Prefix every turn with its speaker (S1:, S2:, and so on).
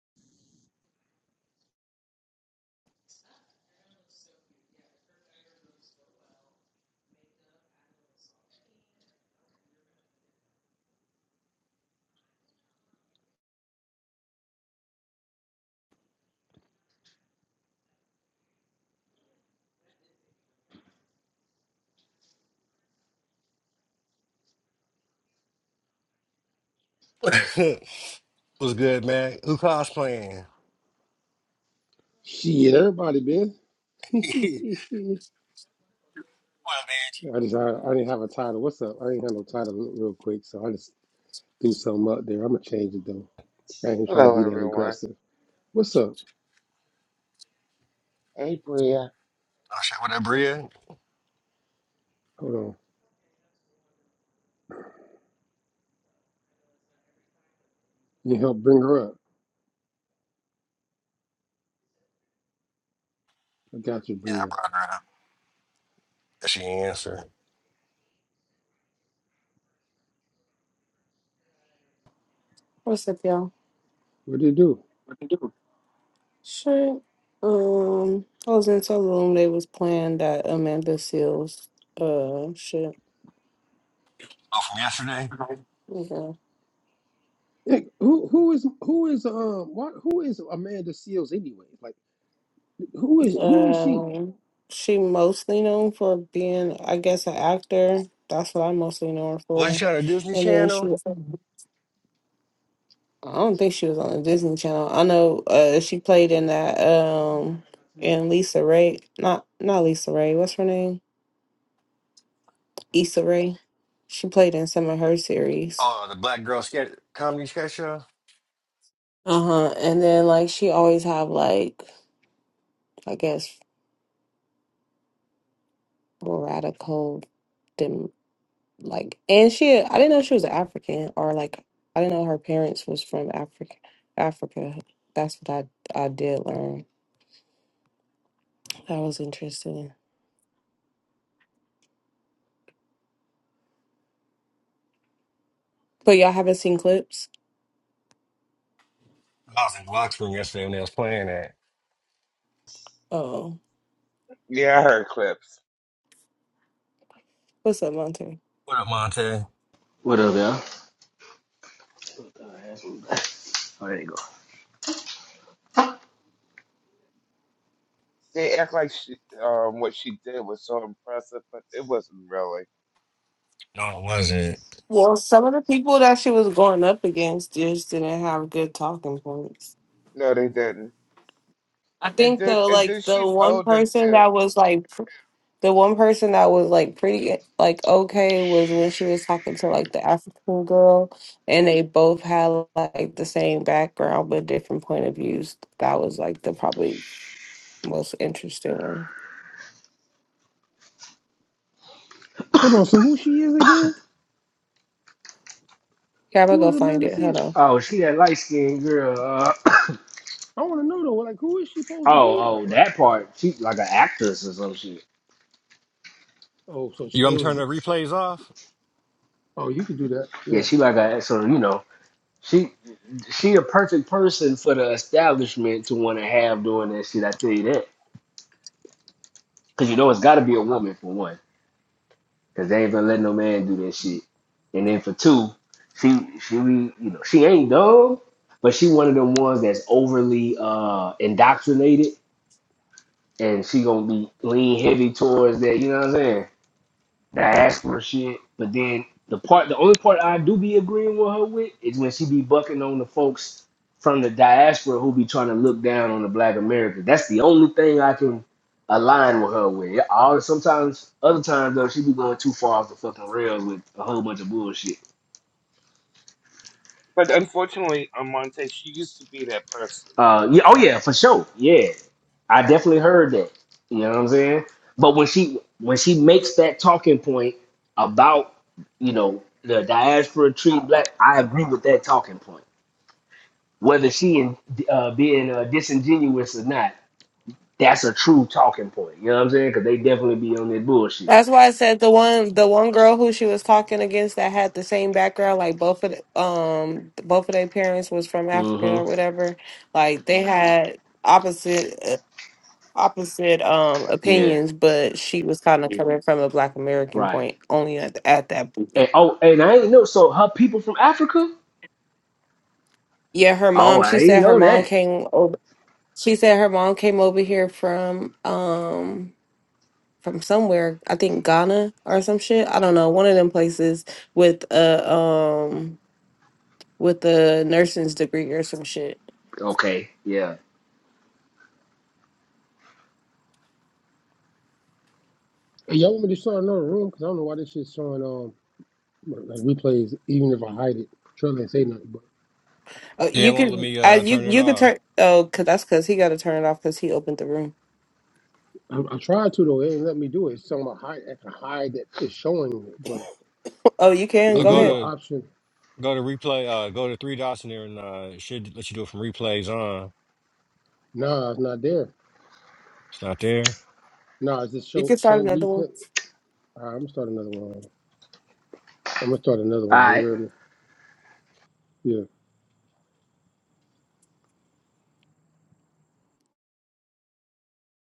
S1: What's good, man? Who cosplaying? well,
S2: Shit, everybody been.
S1: man,
S2: I just I, I didn't have a title. What's up? I ain't had no title real quick, so I just threw something up there. I'm gonna change it though. I ain't trying to
S3: Hello,
S2: be that
S3: everyone.
S2: aggressive. What's up?
S3: Hey, Bria.
S1: I shot with that Bria.
S2: Hold on. You help bring her up. I got you,
S1: Yeah, I
S2: Bria.
S1: brought her up. And She answered.
S4: What's up, y'all?
S2: What do you do?
S4: Shit. Um, I was in some room. They was playing that Amanda Seals. Uh, shit.
S1: Oh, from yesterday?
S4: Yeah.
S2: Hey, who who is who is um what who is Amanda Seals anyway? Like who is who is she?
S4: Um, she mostly known for being, I guess, an actor. That's what I mostly know her
S1: Wasn't
S4: for.
S1: she on the Disney
S4: And then she
S1: Channel?
S4: was. I don't think she was on the Disney Channel. I know. Uh, she played in that. Um, in Lisa Ray. Not not Lisa Ray. What's her name? Issa Ray. She played in some of her series.
S1: Oh, the Black Girl sketch, Comedy Sketch Show?
S4: Uh-huh. And then like she always have like I guess radical dem like and she I didn't know she was African or like I didn't know her parents was from Africa Africa. That's what I I did learn. That was interesting. But y'all haven't seen clips?
S1: I was in the locker room yesterday when they was playing that.
S4: Oh.
S3: Yeah, I heard clips.
S4: What's up, Monte?
S1: What up, Monte?
S5: What up, y'all? Oh, there you go.
S3: They act like she, um, what she did was so impressive, but it wasn't really.
S1: No, it wasn't.
S4: Well, some of the people that she was going up against just didn't have good talking points.
S3: No, they didn't.
S4: I
S3: And
S4: think the
S3: then, and then
S4: like the
S3: she's
S4: one
S3: older
S4: person
S3: too.
S4: that was like The one person that was like pretty like okay was when she was talking to like the African girl and they both had like the same background but different point of views. That was like the probably most interesting one.
S2: Hold on. So who she is again?
S4: Yeah, I'm gonna
S2: Who
S4: go
S2: is
S4: find
S2: Amanda
S4: it. Hold on.
S2: Seals?
S5: Oh, she that light skinned girl. Uh,
S2: I want to know though. Like who is she supposed to
S5: oh,
S2: be though?
S5: oh,
S2: Like
S5: that part. She like an actress or some shit.
S2: oh, so she-
S1: You want
S2: it
S1: me to turn the
S2: was.
S1: replays off?
S2: Oh, you could do that. Yeah.
S5: Yeah, she like a so you know she she a perfect person for the establishment to want to have doing that shit. I tell you that because you know it's got to be a woman for one because they ain't gonna let no man do that shit. And then for two, she she be- you know she ain't dumb, but she one of them ones that's overly uh indoctrinated and she gonna be lean heavy towards that. You know what I'm saying? that asthma shit. But then the part, the only part I do be agreeing with her with is when she be bucking on the folks from the diaspora who be trying to look down on the Black America. That's the only thing I can align with her with. All sometimes, other times though, she be going too far off the fucking rails with a whole bunch of bullshit.
S3: But unfortunately, Amante, she used to be that person.
S5: Uh, yeah, oh yeah, for sure. Yeah, I definitely heard that. You know what I'm saying? But when she when she makes that talking point about you know the diaspora treat black, I agree with that talking point. Whether she in, uh, being uh, disingenuous or not, that's a true talking point. You know what I'm saying? Because they definitely be on that bullshit.
S4: That's why I said the one the one girl who she was talking against that had the same background, like both of the, um both of their parents was from Africa
S5: hmm
S4: or whatever. Like they had opposite uh, opposite um
S5: Yeah.
S4: opinions, but she was kind of Yeah. coming from a black American
S5: Right.
S4: point only at, at that point.
S5: And oh, and I ain't know. So her people from Africa?
S4: Yeah, her
S5: Oh,
S4: mom, she
S5: I ain't
S4: said her
S5: know
S4: mom
S5: that.
S4: came over she said her mom came over here from um from somewhere, I think Ghana or some shit. I don't know, one of them places with a um with a nursing's degree or some shit.
S5: Okay. Yeah.
S2: Hey, y'all want me to start another room? Because I don't know why this shit's showing um like replays, even if I hide it. Trying ain't say nothing, but
S4: Oh,
S1: Yeah,
S4: you
S1: it won't let
S4: could
S1: me
S4: I
S1: uh,
S4: you
S1: turn it
S4: you could
S1: off.
S4: turn oh cuz that's cuz he got to turn it off cuz he opened the room.
S2: I, I tried to though. It ain't let me do it. It's talking about hide. I can hide that it's showing it, but
S4: Oh, you
S2: it
S4: can
S1: I'll
S2: ain't
S4: go
S2: give
S1: go
S2: me
S4: ahead.
S2: no
S1: to
S2: option.
S1: go to replay, uh, go to three dots in there and uh, it should let you do it from replays on.
S2: Nah, it's not there.
S1: It's not there.
S2: Nah, it's just
S4: You
S2: show
S4: can start
S2: show
S4: another one.
S2: replay. All right, I'm gonna start another one. I'm gonna start another
S5: all
S2: one. You
S5: right.
S2: heard me? Yeah.